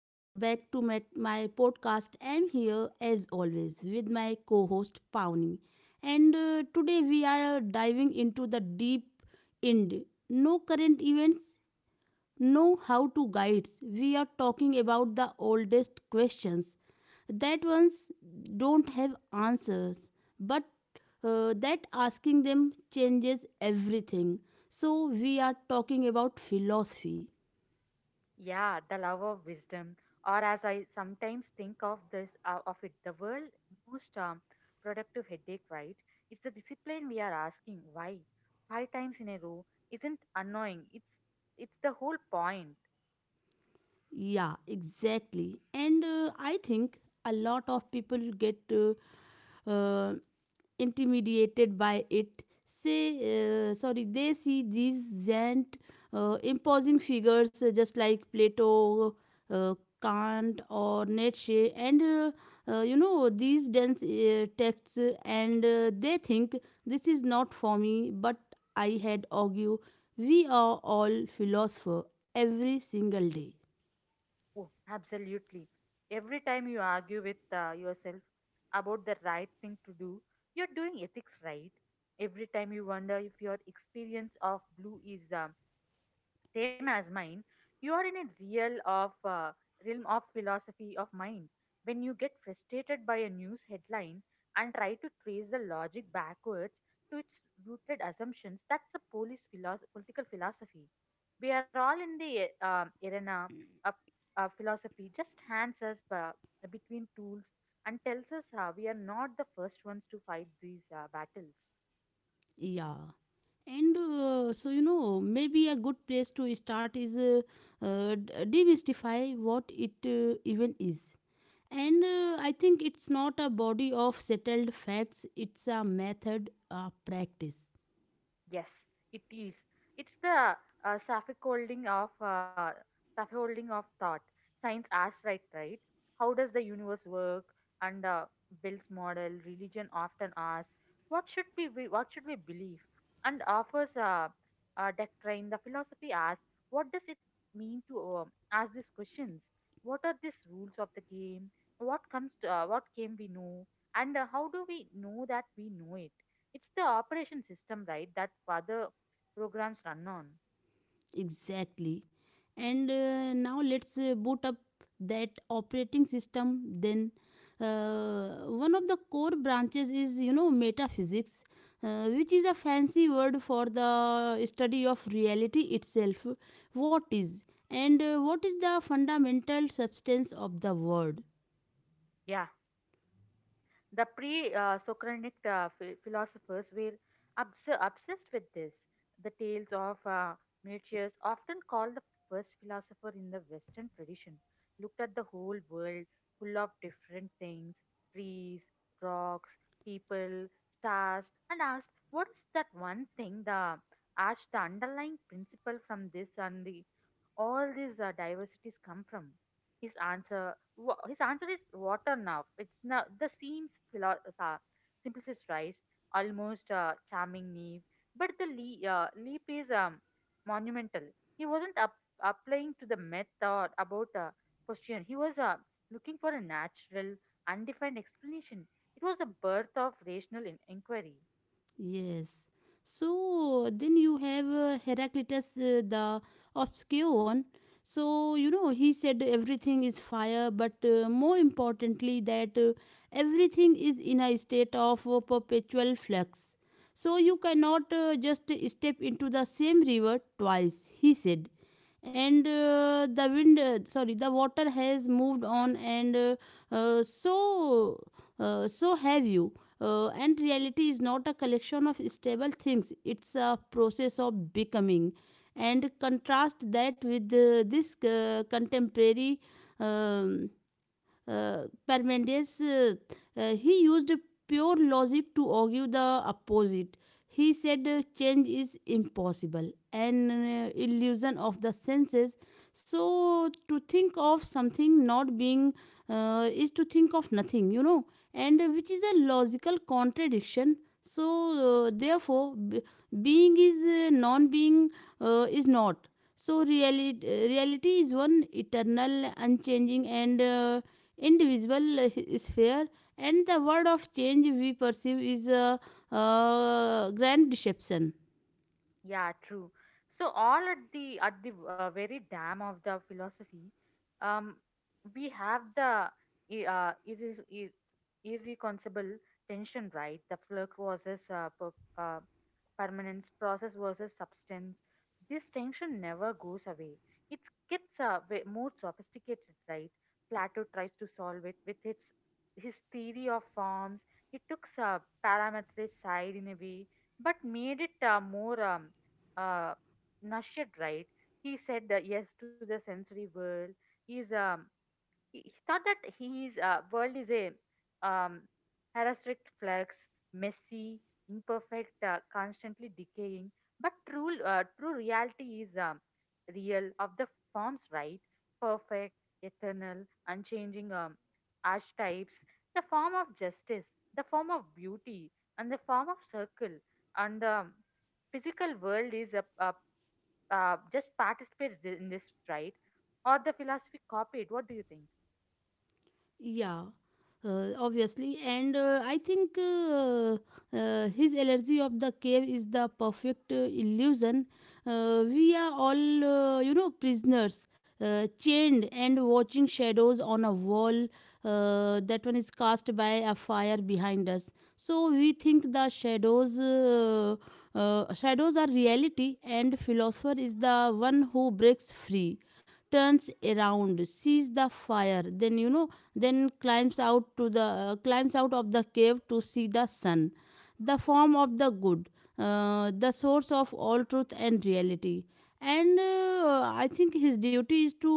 back to my podcast. I'm here as always with my co host Pawnee, and today we are diving into the deep end. No current events, no how to guides. We are talking about the oldest questions that ones don't have answers, but that asking them changes everything. So, we are talking about philosophy. Yeah, the love of wisdom, or as I sometimes think of this of it, the world most productive headache, right? It's the discipline we are asking why five times in a row isn't annoying. It's the whole point. Yeah, exactly. And I think a lot of people get uh, intimidated by it. Say, sorry, they see these giant, imposing figures just like Plato, uh, Kant, or Nietzsche, and you know these dense texts, and they think this is not for me. But I had argue, we are all philosopher every single day. Oh, absolutely. Every time you argue with yourself about the right thing to do, you're doing ethics right. Every time you wonder if your experience of blue is same as mine, you are in a realm of philosophy of mind. When you get frustrated by a news headline and try to trace the logic backwards to its rooted assumptions, that's the political philosophy. We are all in the arena of philosophy. Just hands us between tools and tells us we are not the first ones to fight these battles. Yeah, and so you know, maybe a good place to start is demystify what it even is. And I think it's not a body of settled facts, it's a method, a practice. Yes, it is. It's the uh, scaffolding of uh, scaffolding of thought. Science asks, right? How does the universe work? And Bill's model, religion often asks, what should what should we believe? And offers a doctrine. The philosophy asks, what does it mean to ask these questions? What are these rules of the game? What comes to what game we know? And how do we know that we know it? It's the operation system, right, that other programs run on. Exactly. And now let's boot up that operating system. Then, one of the core branches is, you know, metaphysics, which is a fancy word for the study of reality itself. What is, and what is the fundamental substance of the world? Yeah. The pre Socratic philosophers were obsessed with this. The tales of Minucius, often called the first philosopher in the Western tradition, looked at the whole world full of different things: trees, rocks, people, stars, and asked, "What is that one thing, the arch, the underlying principle from this and the all these diversities come from?" His answer his answer is water now. It's now the simplest rice, almost charming naive, but the leap is monumental. He wasn't applying to the myth or about question. He was looking for a natural, undefined explanation. It was the birth of rational inquiry. Yes. So then you have Heraclitus the Obscure. So you know he said everything is fire, but more importantly that everything is in a state of perpetual flux. So you cannot just step into the same river twice, he said. And the wind, sorry, the water has moved on, and so so have you. And reality is not a collection of stable things; it's a process of becoming. And contrast that with this contemporary. um Parmenides he used pure logic to argue the opposite. He said change is impossible, an illusion of the senses. So to think of something not being is to think of nothing, you know, and which is a logical contradiction. So therefore, being is non-being is not. So reality is one eternal, unchanging, and individual sphere, and the word of change we perceive is a grand deception. Yeah, true. So all at the very dam of the philosophy, um, we have the i- uh, irre ir- irreconcilable tension, right? The flux versus uh, permanence, process versus substance. This tension never goes away. It gets way more sophisticated, right? Plato tries to solve it with its his theory of forms. It took a parametric side in a way, but made it more uh, Nasheed, right? He said yes to the sensory world. He's it's not that his world is a um, heuristic flux, messy, imperfect, constantly decaying. But true reality is real of the forms, right? Perfect, eternal, unchanging archetypes, the form of justice, the form of beauty, and the form of circle. And the physical world is just participates in this, right? Or the philosophy copied. What do you think? Yeah, obviously, and I think his allergy of the cave is the perfect illusion. We are all, you know, prisoners, chained and watching shadows on a wall. That one is cast by a fire behind us. So we think the shadows. Shadows are reality, and philosopher is the one who breaks free, turns around, sees the fire, then you know, then climbs out to the climbs out of the cave to see the sun, the form of the good, the source of all truth and reality, and I think his duty is to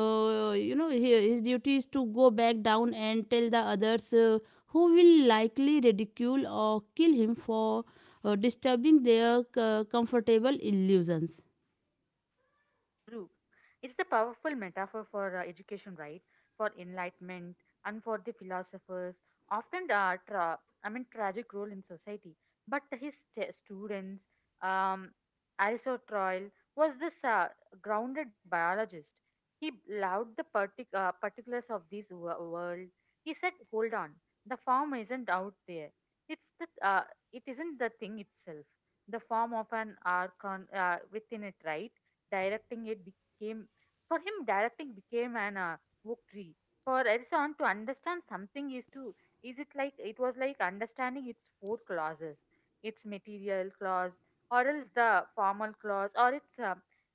you know, his duty is to go back down and tell the others who will likely ridicule or kill him for disturbing their comfortable illusions. True. It's the powerful metaphor for education, right? For enlightenment and for the philosophers, often tragic role in society. But his students, um, Aristotle was this grounded biologist. He loved the particulars of this world. He said, "Hold on, the form isn't out there. It's the it isn't the thing itself. The form of an archon within it, right?" Directing it became for him, directing became an oak tree. For Edison to understand something is to is it like it was like understanding its four clauses: its material clause, or else the formal clause, or its uh,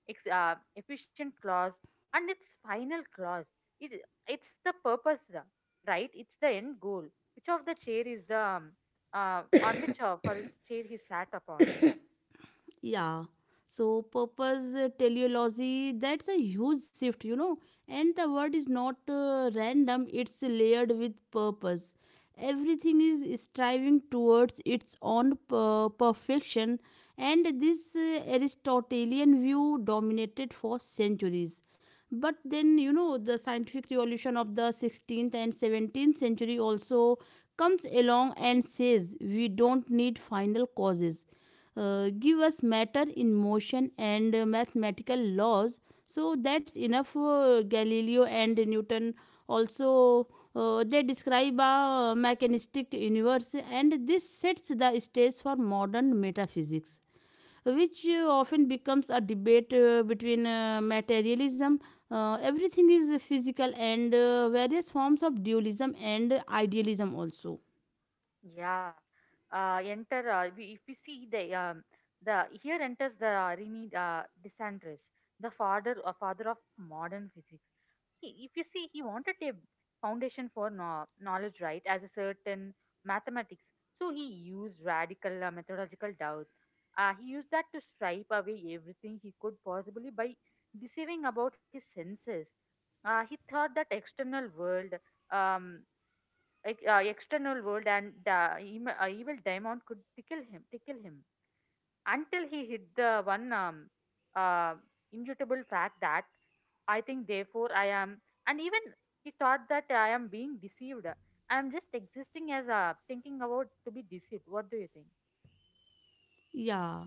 ex, uh, efficient clause, and its final clause. It, it's the purpose right, it's the end goal which of the chair is the on which for its chair he sat upon. Yeah. So purpose, teleology, that's a huge shift, you know. And the word is not random, it's layered with purpose. Everything is striving towards its own perfection, and this Aristotelian view dominated for centuries. But then, you know, the scientific revolution of the 16th and 17th century also comes along and says we don't need final causes. Give us matter in motion and mathematical laws. So that's enough. Galileo and Newton also, they describe a mechanistic universe, and this sets the stage for modern metaphysics, which often becomes a debate between materialism. Everything is physical, and various forms of dualism and idealism also. Yeah. Enter, we, if we see the Here enters the Rene Desandres, the father of modern physics. He, if you see, he wanted a foundation for no, knowledge, right, as a certain mathematics. So he used radical methodological doubt. He used that to stripe away everything he could possibly by deceiving about his senses. He thought that external world um, external world and evil demon could tickle him until he hit the one uh, immutable fact that I think therefore I am. And even he thought that I am being deceived, I am just existing as a thinking about to be deceived. What do you think? Yeah.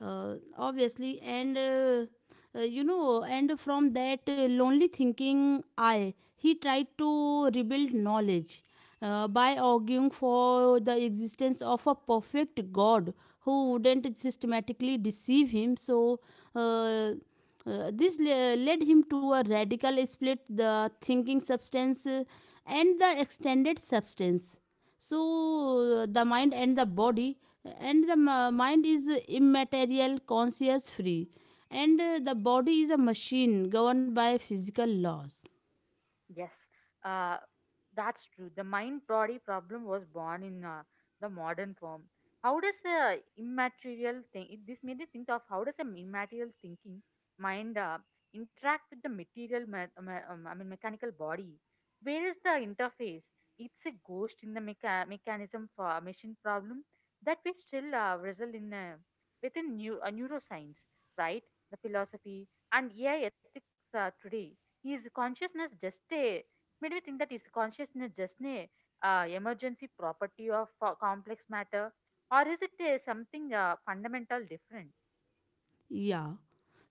Obviously, and you know, and from that lonely thinking I, he tried to rebuild knowledge by arguing for the existence of a perfect god who wouldn't systematically deceive him. So uh, this led him to a radical split, the thinking substance and the extended substance, so the mind and the body, and the mind is immaterial, conscious, free, and the body is a machine governed by physical laws. Yes, uh, that's true. The mind body problem was born in the modern form. How does a immaterial thing? It, this made me think of how does an immaterial thinking mind interact with the material? Mechanical body. Where is the interface? It's a ghost in the mechanism for a machine problem that we still wrestle in within new neuroscience, right? The philosophy and AI ethics today is consciousness just a emergency property of complex matter, or is it something fundamental different? Yeah.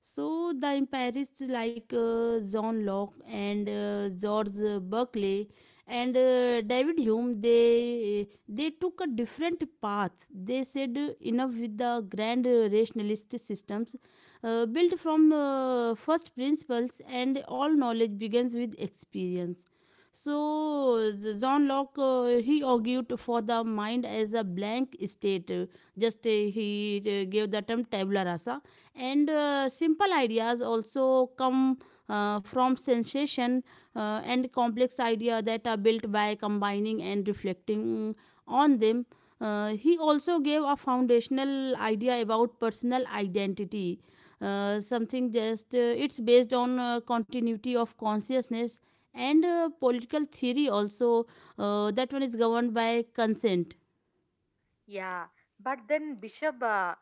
So, the empirists like John Locke and George Berkeley and David Hume, they took a different path. They said enough with the grand rationalist systems built from first principles, and all knowledge begins with experience. So the John Locke, he argued for the mind as a blank state. Just he gave the term tabula rasa, and simple ideas also come from sensation, and complex idea that are built by combining and reflecting on them. He also gave a foundational idea about personal identity, something just it's based on continuity of consciousness and political theory also. That one is governed by consent. Yeah, but then Bishop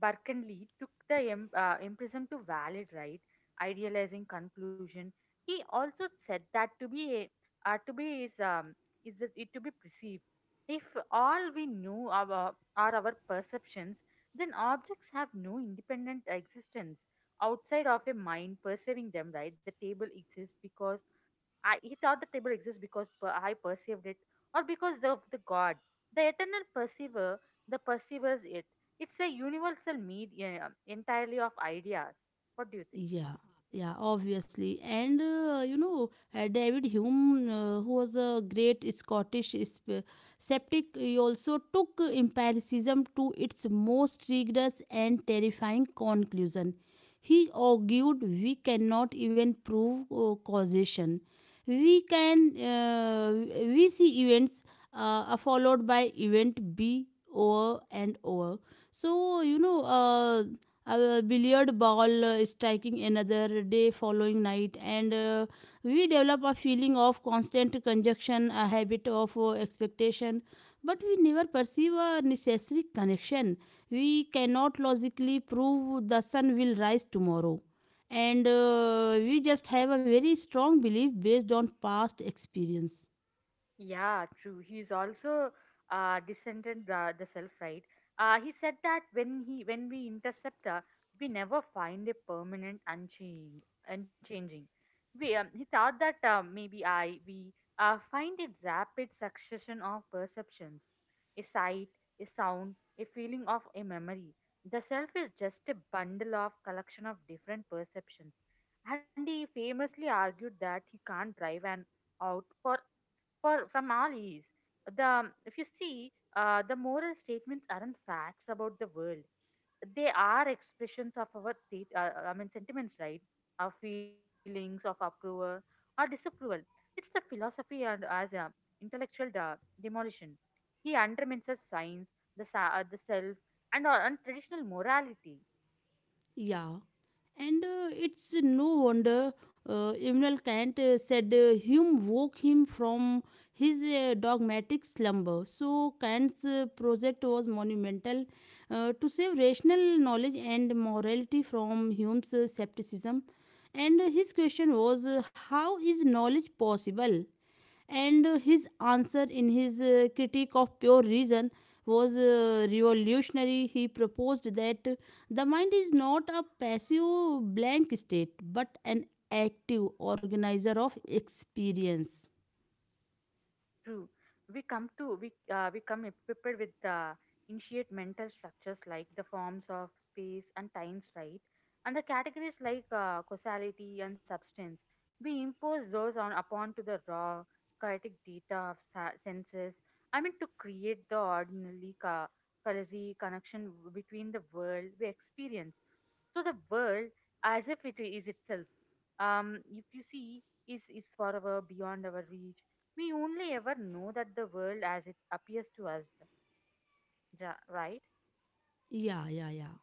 Berkeley took the emprisoned to valid right, idealizing conclusion. He also said that to be is that it to be perceived. If all we know are our perceptions, then objects have no independent existence outside of a mind perceiving them. Right, the table exists because I perceived it, or because the God, the eternal perceiver, the perceives it. It's a universal media entirely of ideas. What do you think? Yeah, yeah, obviously. And you know, David Hume, who was a great Scottish sceptic, he also took empiricism to its most rigorous and terrifying conclusion. He argued we cannot even prove causation. We can we see events are followed by event B over and over. So, you know, a billiard ball striking another, day following night, and we develop a feeling of constant conjunction, a habit of expectation, but we never perceive a necessary connection. We cannot logically prove the sun will rise tomorrow, and we just have a very strong belief based on past experience. Yeah, true. He's also descended the self, right? He said that when we intercept her, we never find a permanent unchanging. He thought that maybe I we find a rapid succession of perceptions, a sight, a sound, a feeling of a memory. The self is just a bundle of collection of different perceptions. And he famously argued that he can't drive an out for from Famalis. The if you see, the moral statements aren't facts about the world. They are expressions of our state. I mean sentiments, right? Our feelings of approval or disapproval. It's the philosophy and as a intellectual demolition. He undermines the science, the the self, and traditional morality. Yeah, and it's no wonder Immanuel Kant said Hume woke him from his dogmatic slumber. So Kant's project was monumental, to save rational knowledge and morality from Hume's skepticism. And his question was, how is knowledge possible? And his answer in his critique of pure reason was revolutionary. He proposed that the mind is not a passive blank state but an active organizer of experience. True. We come equipped with the initiate mental structures like the forms of space and times, right? And the categories like causality and substance. We impose those on upon to the raw chaotic data of senses. I mean, to create the ordinary causality connection between the world we experience. So the world, as if it is itself. If you see, is forever beyond our reach. We only ever know that the world as it appears to us, right? Yeah, yeah, yeah.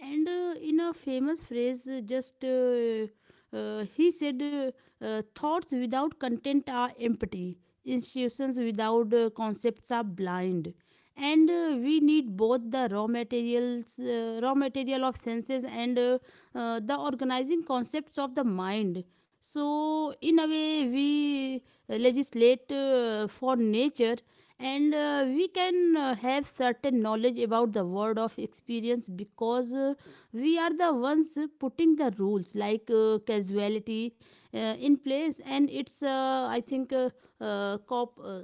And in a famous phrase, just he said, thoughts without content are empty, institutions without concepts are blind. And we need both the raw materials, raw material of senses, and the organizing concepts of the mind. So, in a way, we legislate for nature, and we can have certain knowledge about the world of experience because we are the ones putting the rules like casuality in place, and it's I think uh, Cop- uh,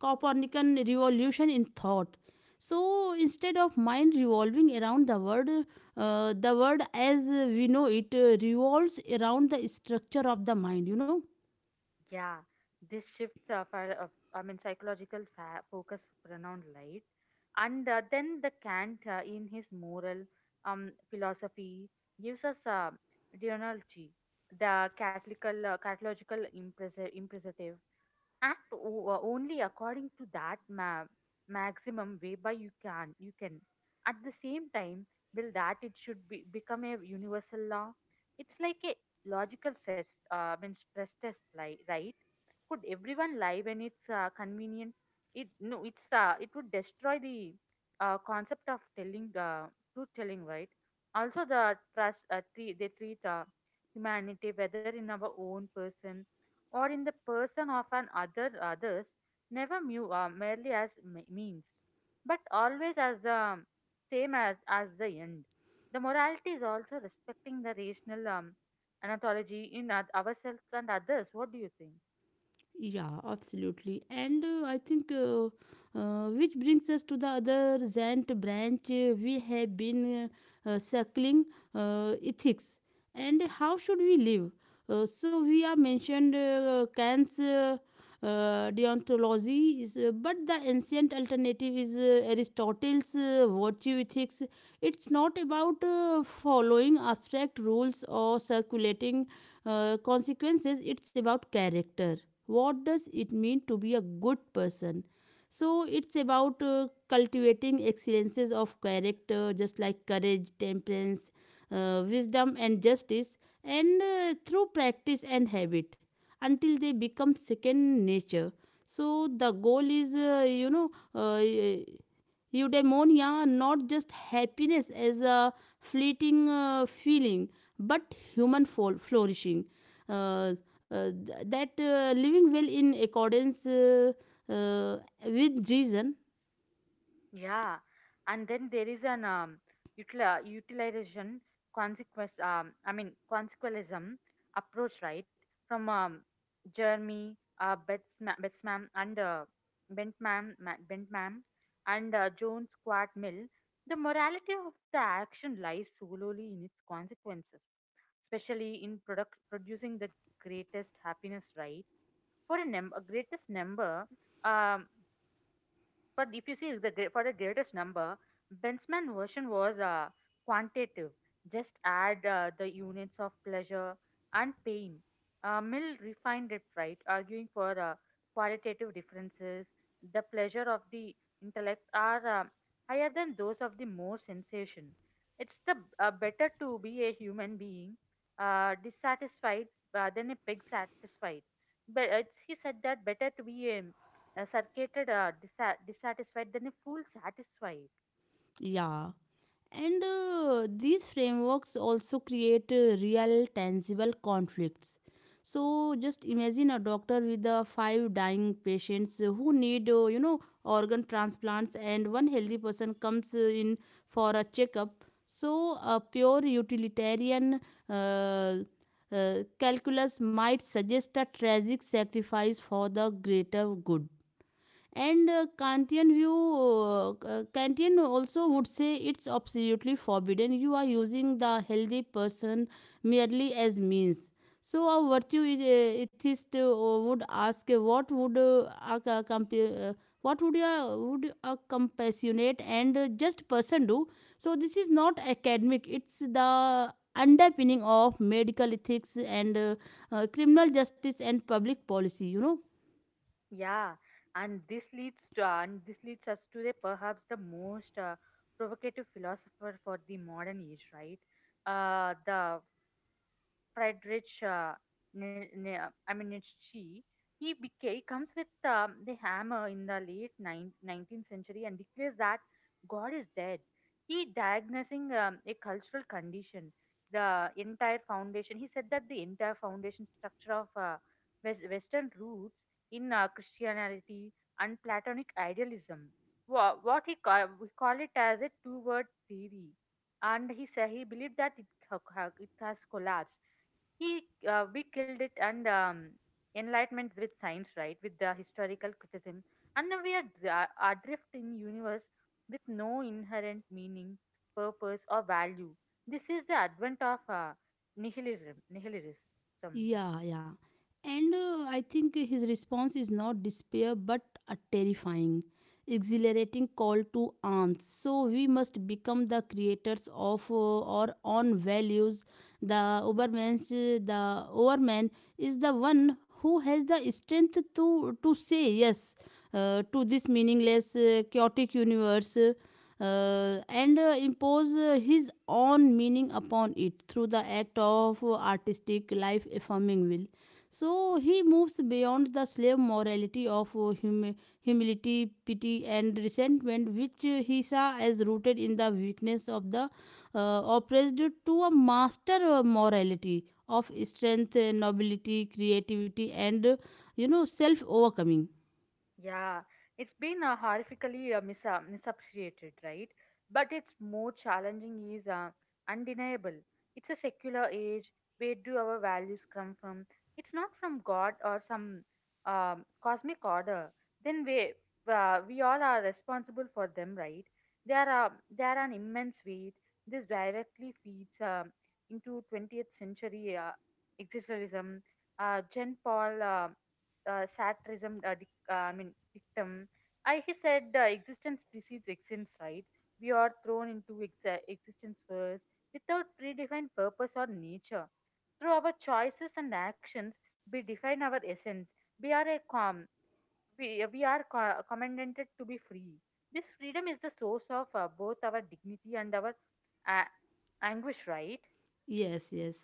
copernican revolution in thought. So instead of mind revolving around the word, the word as we know it revolves around the structure of the mind, you know. Yeah, this shifts of our, of, I mean, psychological focus around light, and then the Kant in his moral philosophy gives us deontology, the catechological imperative. Act only according to that maximum way by you can at the same time will that it should be become a universal law. It's like a logical stress mean stress test, like right. Could everyone lie when it's convenient? It no, it's it would destroy the concept of telling truth telling, right? Also the trust tre- they treat humanity, whether in our own person or in the person of an other others, never merely as means, but always as the same as the end. The morality is also respecting the rational anthology in ourselves and others. What do you think? Yeah, absolutely. And I think, which brings us to the other Zant branch we have been circling, ethics, and how should we live. So, we are mentioned Kant's. Deontology is, but the ancient alternative is aristotle's virtue ethics. It's not about following abstract rules or circulating consequences, it's about character. What does it mean to be a good person? So it's about cultivating excellences of character, just like courage, temperance, wisdom, and justice, and through practice and habit, until they become second nature. So the goal is, you know, eudaimonia, not just happiness as a fleeting feeling, but human flourishing. Uh, that living well in accordance uh, with reason, Yeah, and then there is an utilization consequentialism approach, right? From Jeremy Betsman and Bentman and Jones Squat Mill. The morality of the action lies solely in its consequences, especially in product producing the greatest happiness, right? For a, num- a greatest number, um, but if you see the gre- for the greatest number, Bentzman version was quantitative. Just add the units of pleasure and pain. Mill refined it, right, arguing for qualitative differences. The pleasure of the intellect are higher than those of the more sensation. It's the better to be a human being dissatisfied than a pig satisfied. But he said that better to be a circuited dissatisfied than a fool satisfied. yeah. And these frameworks also create real, tangible conflicts. So just imagine a doctor with 5 dying patients who need, you know, organ transplants, and one healthy person comes in for a checkup. So a pure utilitarian uh, calculus might suggest a tragic sacrifice for the greater good, and Kantian view, Kantian also would say it's absolutely forbidden. You are using the healthy person merely as means. So a virtue is- atheist would ask, a, ca- compa- uh, what would a compassionate and just person do? So this is not academic. It's the underpinning of medical ethics and criminal justice and public policy, you know. Yeah, and this leads to and this leads us to the perhaps the most provocative philosopher for the modern age, right? The Friedrich, Nietzsche, he comes with the hammer in the late 19th century and declares that God is dead. He diagnosing a cultural condition, the entire foundation. He said that the entire foundation structure of Western roots in Christianity and Platonic idealism. We call it as a two-word theory, and he said he believed that it has collapsed. He We killed it, and enlightenment with science, right? With the historical criticism, and now we are adrift in universe with no inherent meaning, purpose, or value. This is the advent of nihilism. Nihilism. Yeah, yeah. And I think his response is not despair but a terrifying, exhilarating call to arms. So we must become the creators of our own values. The Oberman's, the Overman is the one who has the strength to say yes to this meaningless, chaotic universe, and impose his own meaning upon it through the act of artistic life affirming will. So he moves beyond the slave morality of humility, pity, and resentment, which he saw as rooted in the weakness of the oppressed, to a master morality of strength, nobility, creativity, and self overcoming. Yeah, it's been horrifically misappreciated, right? But it's more challenging is undeniable. It's a secular age. Where do our values come from? It's not from God or some cosmic order. Then we all are responsible for them, right? They are uh, they are an immense weight. This directly feeds into 20th century existentialism. Jean Paul uh, satirism dictum. He said, "existence precedes essence," right? We are thrown into existence first without predefined purpose or nature. Through our choices and actions, we define our essence. We are a com- we are commanded to be free. This freedom is the source of both our dignity and our a- anguish, right? Yes, yes.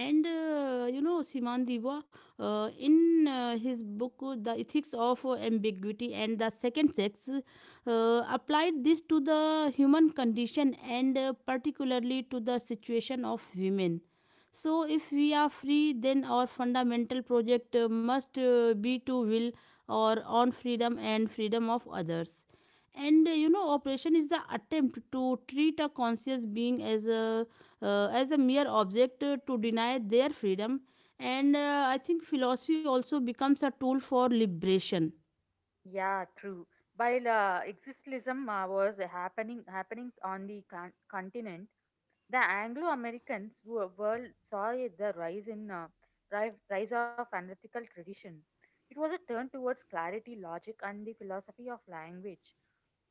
And Siman Diwa, in his book, The Ethics of Ambiguity and the Second Sex, applied this to the human condition and particularly to the situation of women. So, if we are free, then our fundamental project must be to will or on freedom and freedom of others. And operation is the attempt to treat a conscious being as a mere object to deny their freedom. And I think philosophy also becomes a tool for liberation. Yeah, true. While existentialism was happening on the continent, the Anglo-Americans world saw it the rise in rise of analytical tradition. It was a turn towards clarity, logic, and the philosophy of language.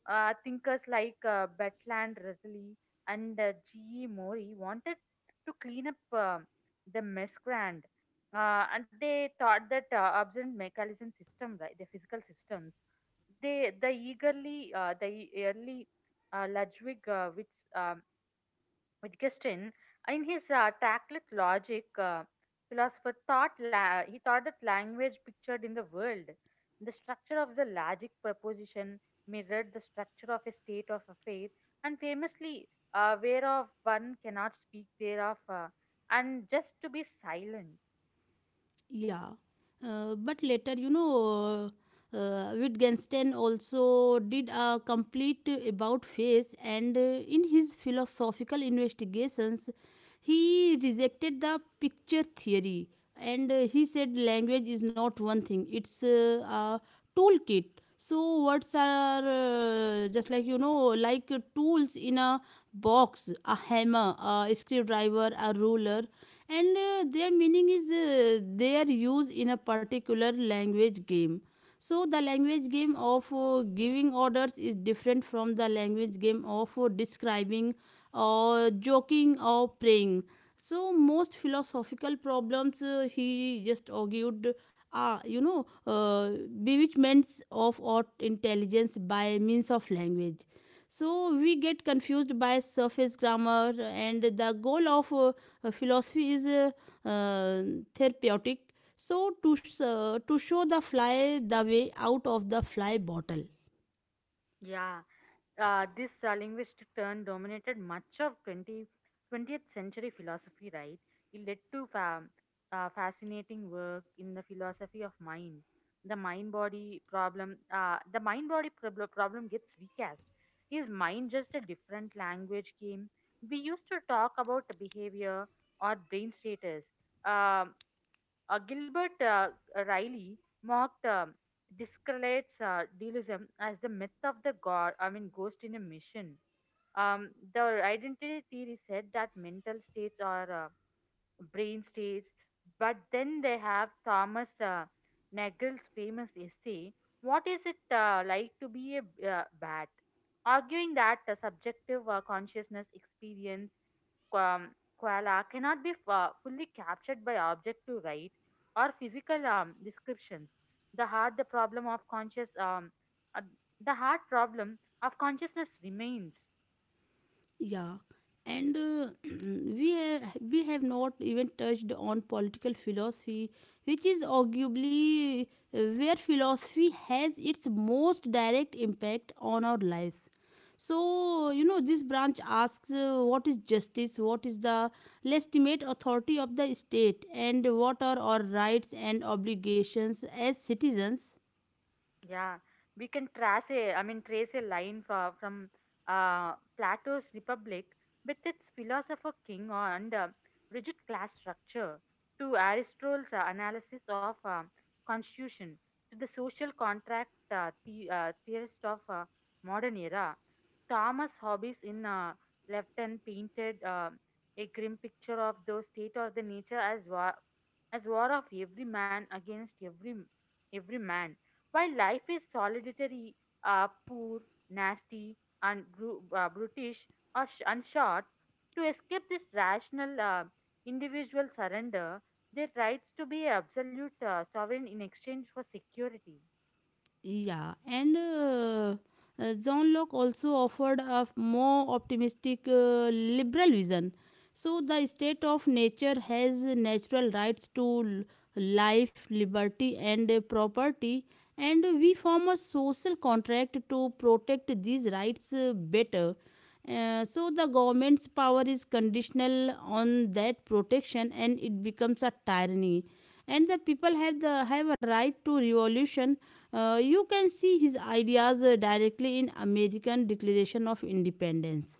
Thinkers like Bertrand Russell and G. E. Mori wanted to clean up the mescrand, and they thought that observant mechanism system, right, the physical systems, they the early Ludwig Wittgenstein, in his tactless logic, he thought that language pictured in the world, the structure of the logic proposition mirrored the structure of a state of affairs, and famously, whereof one cannot speak thereof, and just to be silent. Yeah. But later, Wittgenstein also did a complete about face, and in his philosophical investigations, he rejected the picture theory and he said language is not one thing, it's a toolkit. So, words are just like like tools in a box, a hammer, a screwdriver, a ruler, and their meaning is their use in a particular language game. So the language game of giving orders is different from the language game of describing or joking or praying. So most philosophical problems he just argued are bewitchments of art intelligence by means of language. So we get confused by surface grammar, and the goal of philosophy is uh, therapeutic, so to show the fly the way out of the fly bottle. Yeah. This linguistic turn dominated much of 20 20th century philosophy, right? It led to fascinating work in the philosophy of mind. The mind body problem gets recast. Is mind just a different language game? We used to talk about behavior or brain status. Um Gilbert Riley mocked Discrellate's dualism as the myth of the ghost in a mission. The identity theory said that mental states are brain states, but then they have Thomas Nagel's famous essay, what is it like to be a bat, arguing that the subjective consciousness experience um, koala cannot be fully captured by objective, right, or physical descriptions. The heart, the problem of conscious, um, uh, the heart problem of consciousness remains. Yeah, and we have not even touched on political philosophy, which is arguably where philosophy has its most direct impact on our lives. So you know, this branch asks what is justice, what is the legitimate authority of the state, and what are our rights and obligations as citizens. Yeah, we can trace a line from, Plato's Republic with its philosopher king and rigid class structure to Aristotle's analysis of constitution, to the social contract theorist of modern era. Thomas Hobbes in Lefton painted a grim picture of the state of the nature as war of every man against every man, while life is solitary, poor, nasty, and brutish and short. To escape this, rational individual surrender their rights to be absolute sovereign in exchange for security. Yeah, and John Locke also offered a more optimistic liberal vision. So, the state of nature has natural rights to life, liberty, and property, and we form a social contract to protect these rights better. So, the government's power is conditional on that protection, and it becomes a tyranny, and the people have a right to revolution. You can see his ideas directly in american declaration of independence.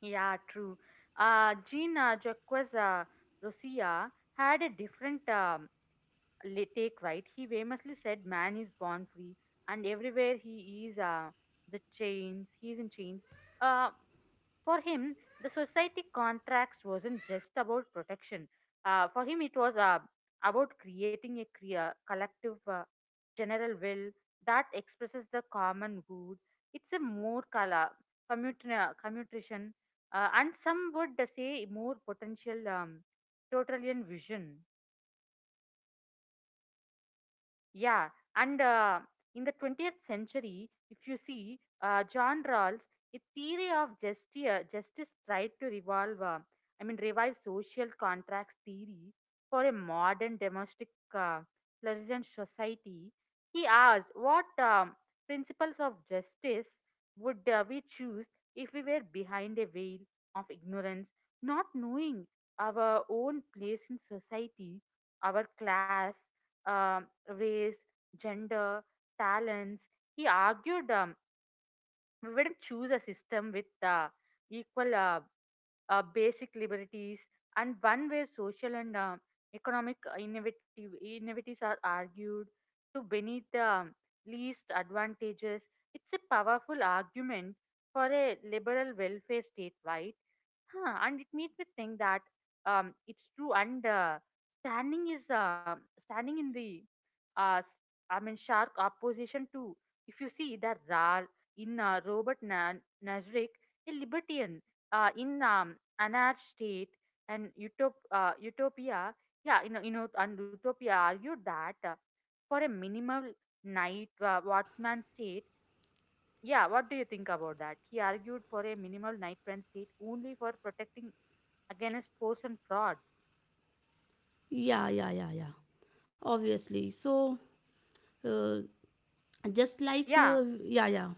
Yeah, true. Gina Jacquesa Rousseau had a different take, right? He famously said, "Man is born free, and everywhere he is, he is in chains." Uh, For him, the society contracts wasn't just about protection. For him, it was about creating a collective general will that expresses the common good. It's a more color, commutation, and some would say more potential totalitarian vision. Yeah, and in the 20th century, if you see John Rawls, a theory of justice, justice tried to revive social contracts theory for a modern domestic pleasant society. He asked what principles of justice would we choose if we were behind a veil of ignorance, not knowing our own place in society, our class, um race, gender, talents. He argued we wouldn't choose a system with equal basic liberties, and one where social and economic innovatives are argued to beneath the least advantages. It's a powerful argument for a liberal welfare state, right? Huh, and it made me think that it's true. And standing is uh, standing in the uh, s- sharp opposition to. If you see the Zal in Nazarick, a libertarian in anarch state and utopia, yeah, and utopia argued that for a minimal night watchman state. Yeah, what do you think about that? He argued for a minimal nightman state only for protecting against force and fraud. Yeah, yeah, yeah, yeah, obviously, so uh, just like Yeah, yeah, yeah,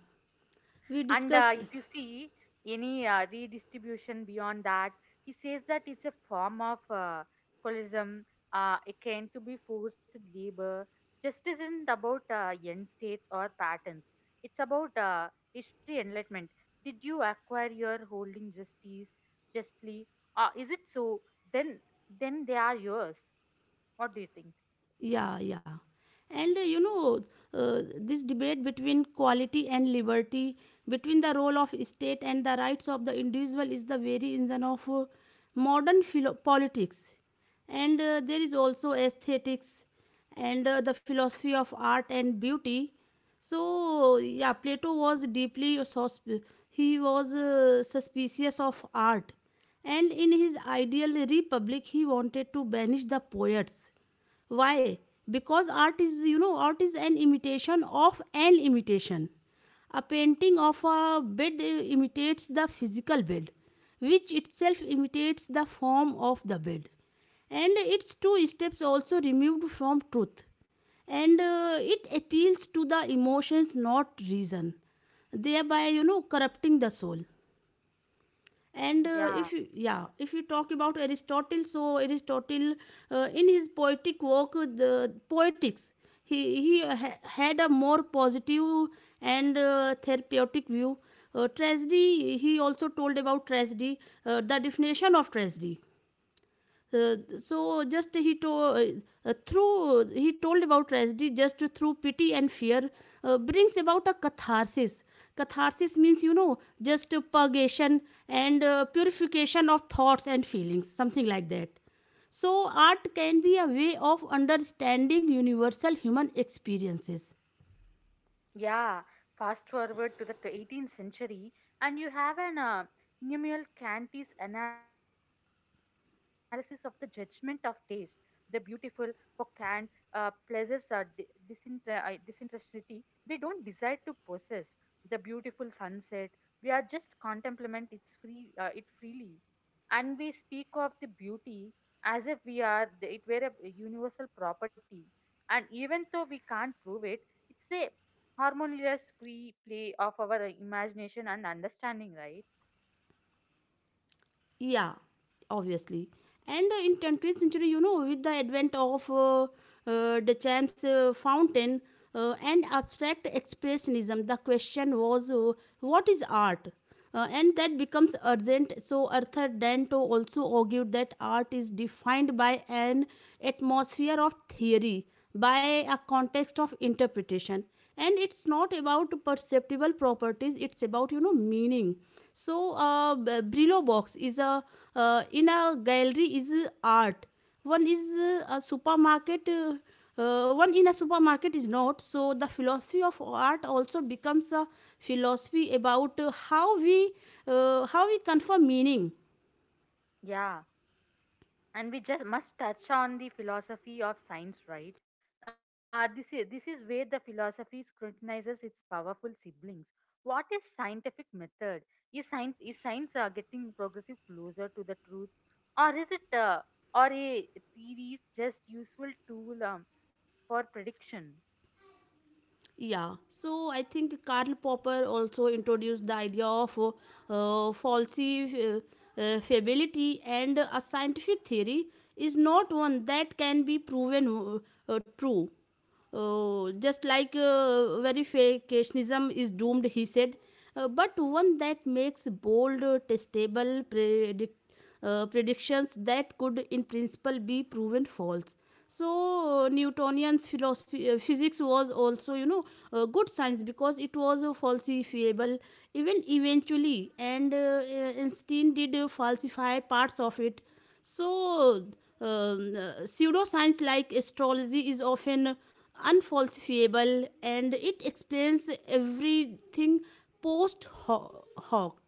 we and discussed. if you see any redistribution beyond that, he says that it's a form of colonialism, akin to be forced labor. Justice isn't about end states or patterns. It's about history enlightenment. Did you acquire your holding justice justly? Is it so? Then, then they are yours. What do you think? Yeah, yeah. And this debate between quality and liberty, between the role of state and the rights of the individual, is the very engine of politics. And there is also aesthetics and the philosophy of art and beauty. So, yeah, Plato was he was suspicious of art, and in his ideal republic, he wanted to banish the poets. Why? Because art is you know art is an imitation of an imitation, a painting of a bed imitates the physical bed, which itself imitates the form of the bed, and its two steps also removed from truth, and it appeals to the emotions not reason, thereby you know corrupting the soul. And Yeah. if you, yeah, if you talk about aristotle, so aristotle in his poetic work the poetics, he had a more positive and therapeutic view. Tragedy, he also told about tragedy, the definition of tragedy, uh, so just he told through he told about tragedy just through pity and fear brings about a catharsis. Catharsis means you know just purgation and purification of thoughts and feelings, something like that. So art can be a way of understanding universal human experiences. Yeah, fast forward to the 18th century, and you have an Immanuel Kant's analysis of the judgment of taste. The beautiful, for Kant, pleasures are disinterestedly. We don't desire to possess the beautiful sunset. We are just contemplate its free it freely, and we speak of the beauty as if we are it were a universal property. And even though we can't prove it, it's a harmonious, we play off our imagination and understanding, right? Yeah, obviously. And in 20th century, you know, with the advent of Duchamp's fountain and abstract expressionism, the question was, what is art? And that becomes urgent. So Arthur Danto also argued that art is defined by an atmosphere of theory, by a context of interpretation, and it's not about perceptible properties, it's about you know meaning. So brillo box is a in a gallery is a art, one is a supermarket, one in a supermarket is not. So the philosophy of art also becomes a philosophy about how we confer meaning. Yeah, and we just must touch on the philosophy of science, right? This is where the philosophy scrutinizes its powerful siblings. What is scientific method? Is science getting progressive closer to the truth, or is it or a theory just useful tool for prediction? Yeah, so I think Karl Popper also introduced the idea of falsi- uh, falsifiability, and a scientific theory is not one that can be proven true. Just like verificationism is doomed, he said, but one that makes bold, predictions that could in principle be proven false. So newtonian's philosophy physics was also you know good science because it was falsifiable, even eventually, and einstein did falsify parts of it. So um, pseudoscience like astrology is often unfalsifiable, and it explains everything post hoc.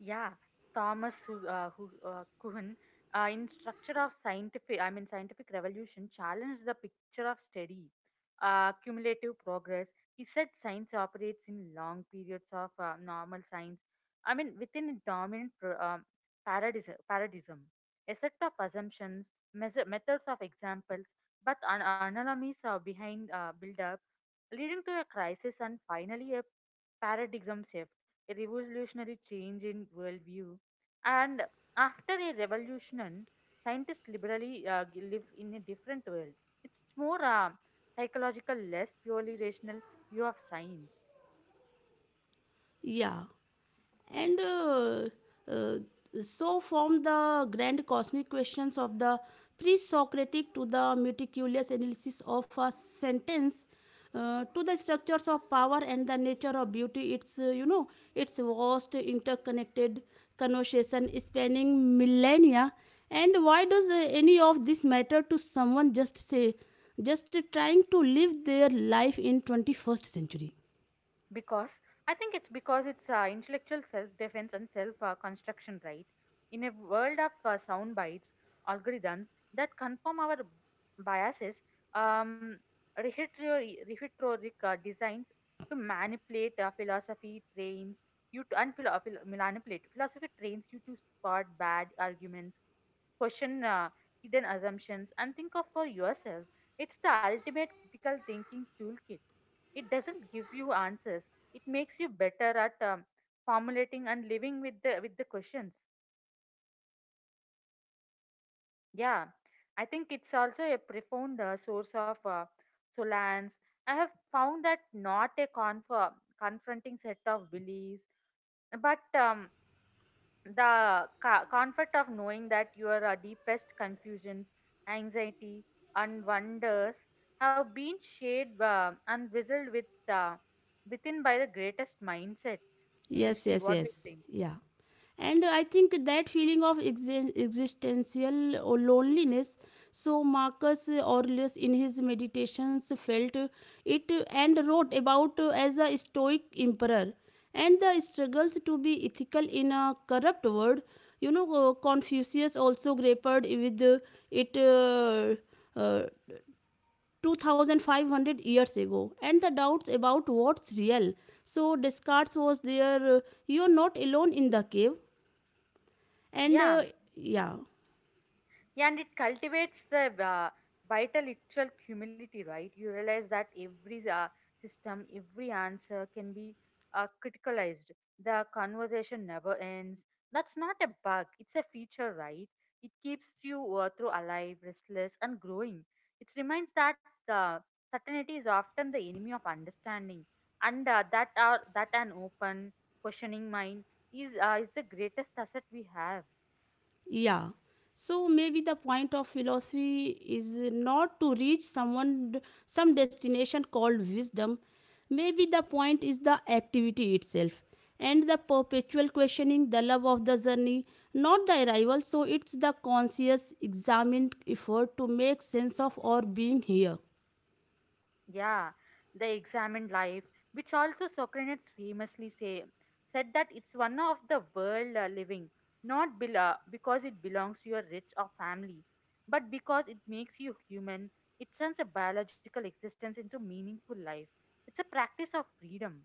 Yeah, Thomas Kuhn, in Structure of Scientific, I mean Scientific Revolution, challenged the picture of steady, cumulative progress. He said science operates in long periods of normal science. I mean, within a dominant paradigm, paradigm, a set of assumptions, methods of examples, but anomalies are behind build, leading to a crisis, and finally a paradigm shift, a revolutionary change in worldview. And after a revolution, scientists liberally live in a different world. It's more psychological, less purely rational view of science. Yeah, and uh, so from the grand cosmic questions of the pre-socratic to the meticulous analysis of a sentence to the structures of power and the nature of beauty, it's its vast interconnected conversation spanning millennia. And why does any of this matter to someone just trying to live their life in 21st century? Because I think it's intellectual self-defense and self-construction, right? In a world of sound bites, algorithms that confirm our biases, um, rhetoric rhetoric, designs to manipulate. Philosophy trains you to and philo- phil- manipulate philosophy trains you to spot bad arguments, question hidden assumptions, and think of for yourself. It's the ultimate critical thinking toolkit. It doesn't give you answers. It makes you better at formulating and living with the questions. Yeah, I think it's also a profound source of solace. I have found that not a confronting set of beliefs, but the comfort of knowing that your deepest confusions, anxiety, and wonders have been shared and wrestled with uh, within by the greatest mindsets in Yes, history. yes, What do yes. you think? Yeah. And I think that feeling of existential or loneliness, so Marcus Aurelius in his meditations felt it and wrote about as a Stoic emperor and the struggles to be ethical in a corrupt world. You know, Confucius also grappled with it uh, 2,500 years ago, and the doubts about what's real, so descartes was there. You're not alone in the cave, and Yeah. Yeah, Yeah, and it cultivates the vital intellectual humility, right? You realize that every system, every answer can be criticalized. The conversation never ends. That's not a bug, it's a feature, right? It keeps you through alive, restless, and growing. It reminds that certainty is often the enemy of understanding, and that an open, questioning mind is the greatest asset we have. yeah. So maybe the point of philosophy is not to reach someone, some destination called wisdom. Maybe the point is the activity itself and the perpetual questioning, the love of the journey, not the arrival. So it's the conscious examined effort to make sense of our being here. Yeah, they examined life, which also Socrates famously said that it's one of the world living, not because it belongs to your rich or family, but because it makes you human. It turns a biological existence into meaningful life. It's a practice of freedom.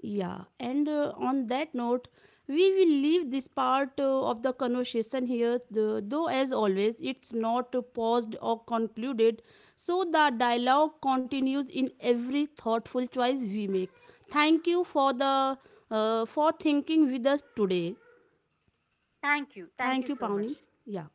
Yeah, and on that note, we will leave this part of the conversation here, though, as always, it's not paused or concluded. So the dialogue continues in every thoughtful choice we make. Thank you for the for thinking with us today. Thank you. Thank Thank you you, so Pawnee. much. Yeah.